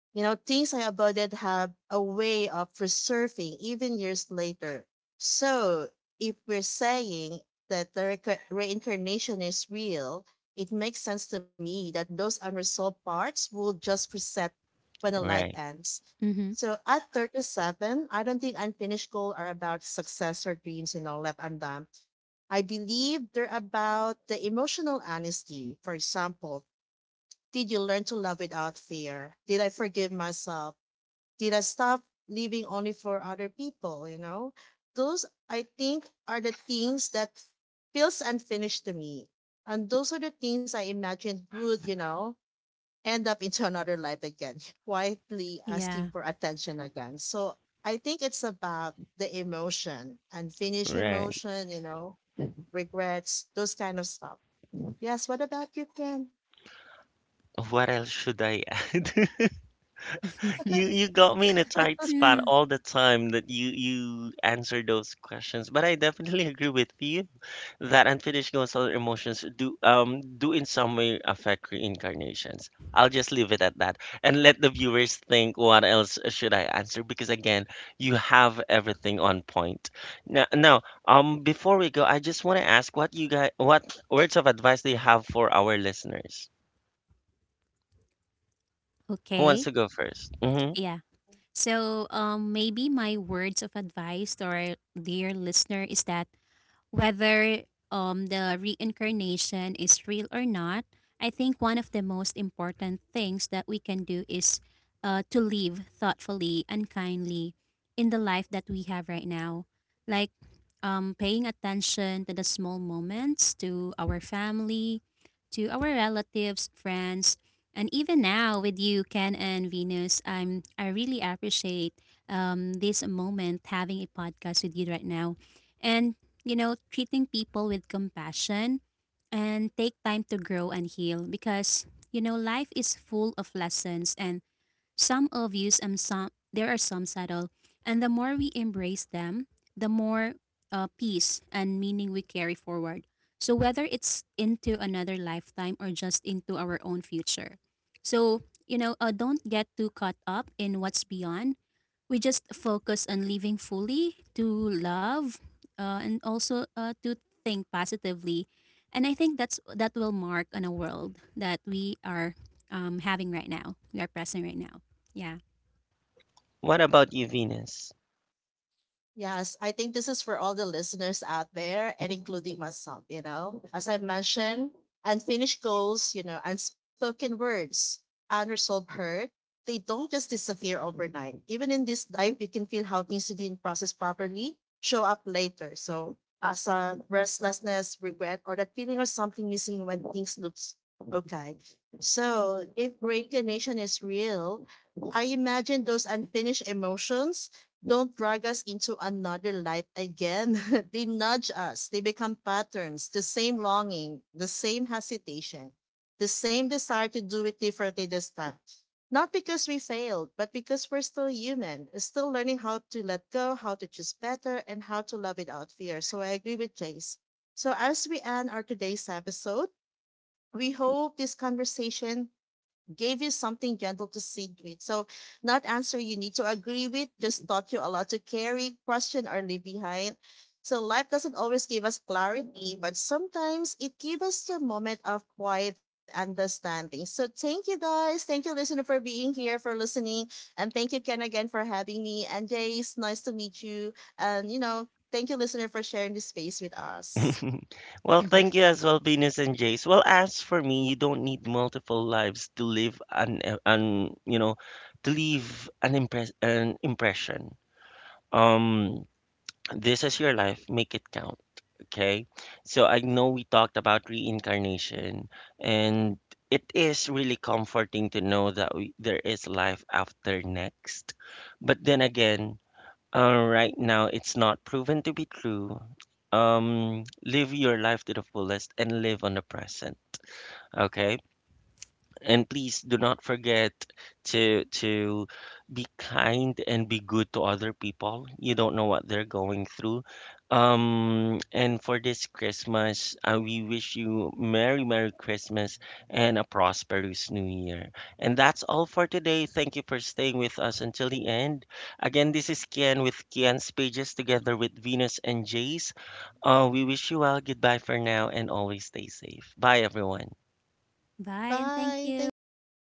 B: you know, things I avoided have a way of resurfacing even years later. So, if we're saying that the reincarnation is real, it makes sense to me that those unresolved parts will just reset when a life
A: Right,
B: ends.
C: Mhm.
B: So, at 37, I don't think unfinished goals are about success or dreams, you know, left undone. I believe they're about the emotional honesty. For example, did you learn to love without fear? Did I forgive myself? Did I stop living only for other people? You know, those I think are the things that feels unfinished to me. And those are the things I imagined would, you know, end up into another life again, quietly asking
C: Yeah.
B: for attention again. So I think it's about the emotion, unfinished
A: right.
B: emotion, you know, regrets, those kind of stuff. Yes, what about you, Ken?
A: What else should I add? You you got me in a tight spot
C: Yeah.
A: all the time that you answer those questions. But I definitely agree with you that unfinished goals or emotions do in some way affect reincarnations. I'll just leave it at that and let the viewers think what else should I answer because again, you have everything on point. Now, before we go, I just want to ask what you guys what words of advice do you have for our listeners? Who wants
C: Okay.
A: to go first.
C: Yeah. So, maybe my words of advice to our dear listener is that whether the reincarnation is real or not, I think one of the most important things that we can do is to live thoughtfully and kindly in the life that we have right now. Like paying attention to the small moments, to our family, to our relatives, friends, and even now with you, Ken and Venus, I really appreciate this moment having a podcast with you right now, and you know, treating people with compassion and take time to grow and heal, because you know, life is full of lessons, and some obvious and some there are some subtle, and the more we embrace them, the more peace and meaning we carry forward, so whether it's into another lifetime or just into our own future. So you know, don't get too caught up in what's beyond. We just focus on living fully to love, and also to think positively, and I think that's that will mark on a world that we are having right now, we are present right now. Yeah.
A: What about you, Venus?
B: Yes, I think this is for all the listeners out there and including myself, you know. As I mentioned, unfinished goals, you know, unspoken words, unresolved hurt, they don't just disappear overnight. Even in this life, you can feel how things you didn't process properly show up later. So as a restlessness, regret, or that feeling of something missing when things looks okay. So if reincarnation is real, I imagine those unfinished emotions don't drag us into another life again. They nudge us, they become patterns, the same longing, the same hesitation, the same desire to do it differently this time. Not because we failed, but because we're still human, still learning how to let go, how to choose better, and how to love without fear. So I agree with Jace. So as we end our today's episode, we hope this conversation gave you something gentle to sit with. So, not answer you need to agree with, just taught you a lot to carry, question, or leave behind. So, life doesn't always give us clarity, but sometimes it gives us the moment of quiet understanding. So, thank you guys. Thank you, listener, for being here, for listening. And thank you, Ken, again, for having me. And Jace, nice to meet you. And, you know, thank you, listener, for sharing this space with us.
A: Well, thank you as well, Venus and Jace. Well, as for me, you don't need multiple lives to live an, eh, an you know, to leave an impression. Um, this is your life, make it count, okay? So I know we talked about reincarnation, and it is really comforting to know that there is life after next. But then again, right now, it's not proven to be true. Live your life to the fullest and live on the present. Okay? And please do not forget to be kind and be good to other people. You don't know what they're going through. And for this Christmas, we wish you Merry Merry Christmas and a prosperous New Year. And that's all for today. Thank you for staying with us until the end. Again, this is Kian with Kian's Pages together with Venus and Jace. We wish you well. Goodbye for now and always stay safe. Bye, everyone.
C: Bye, and thank
B: Bye. Thank
C: you.
B: you.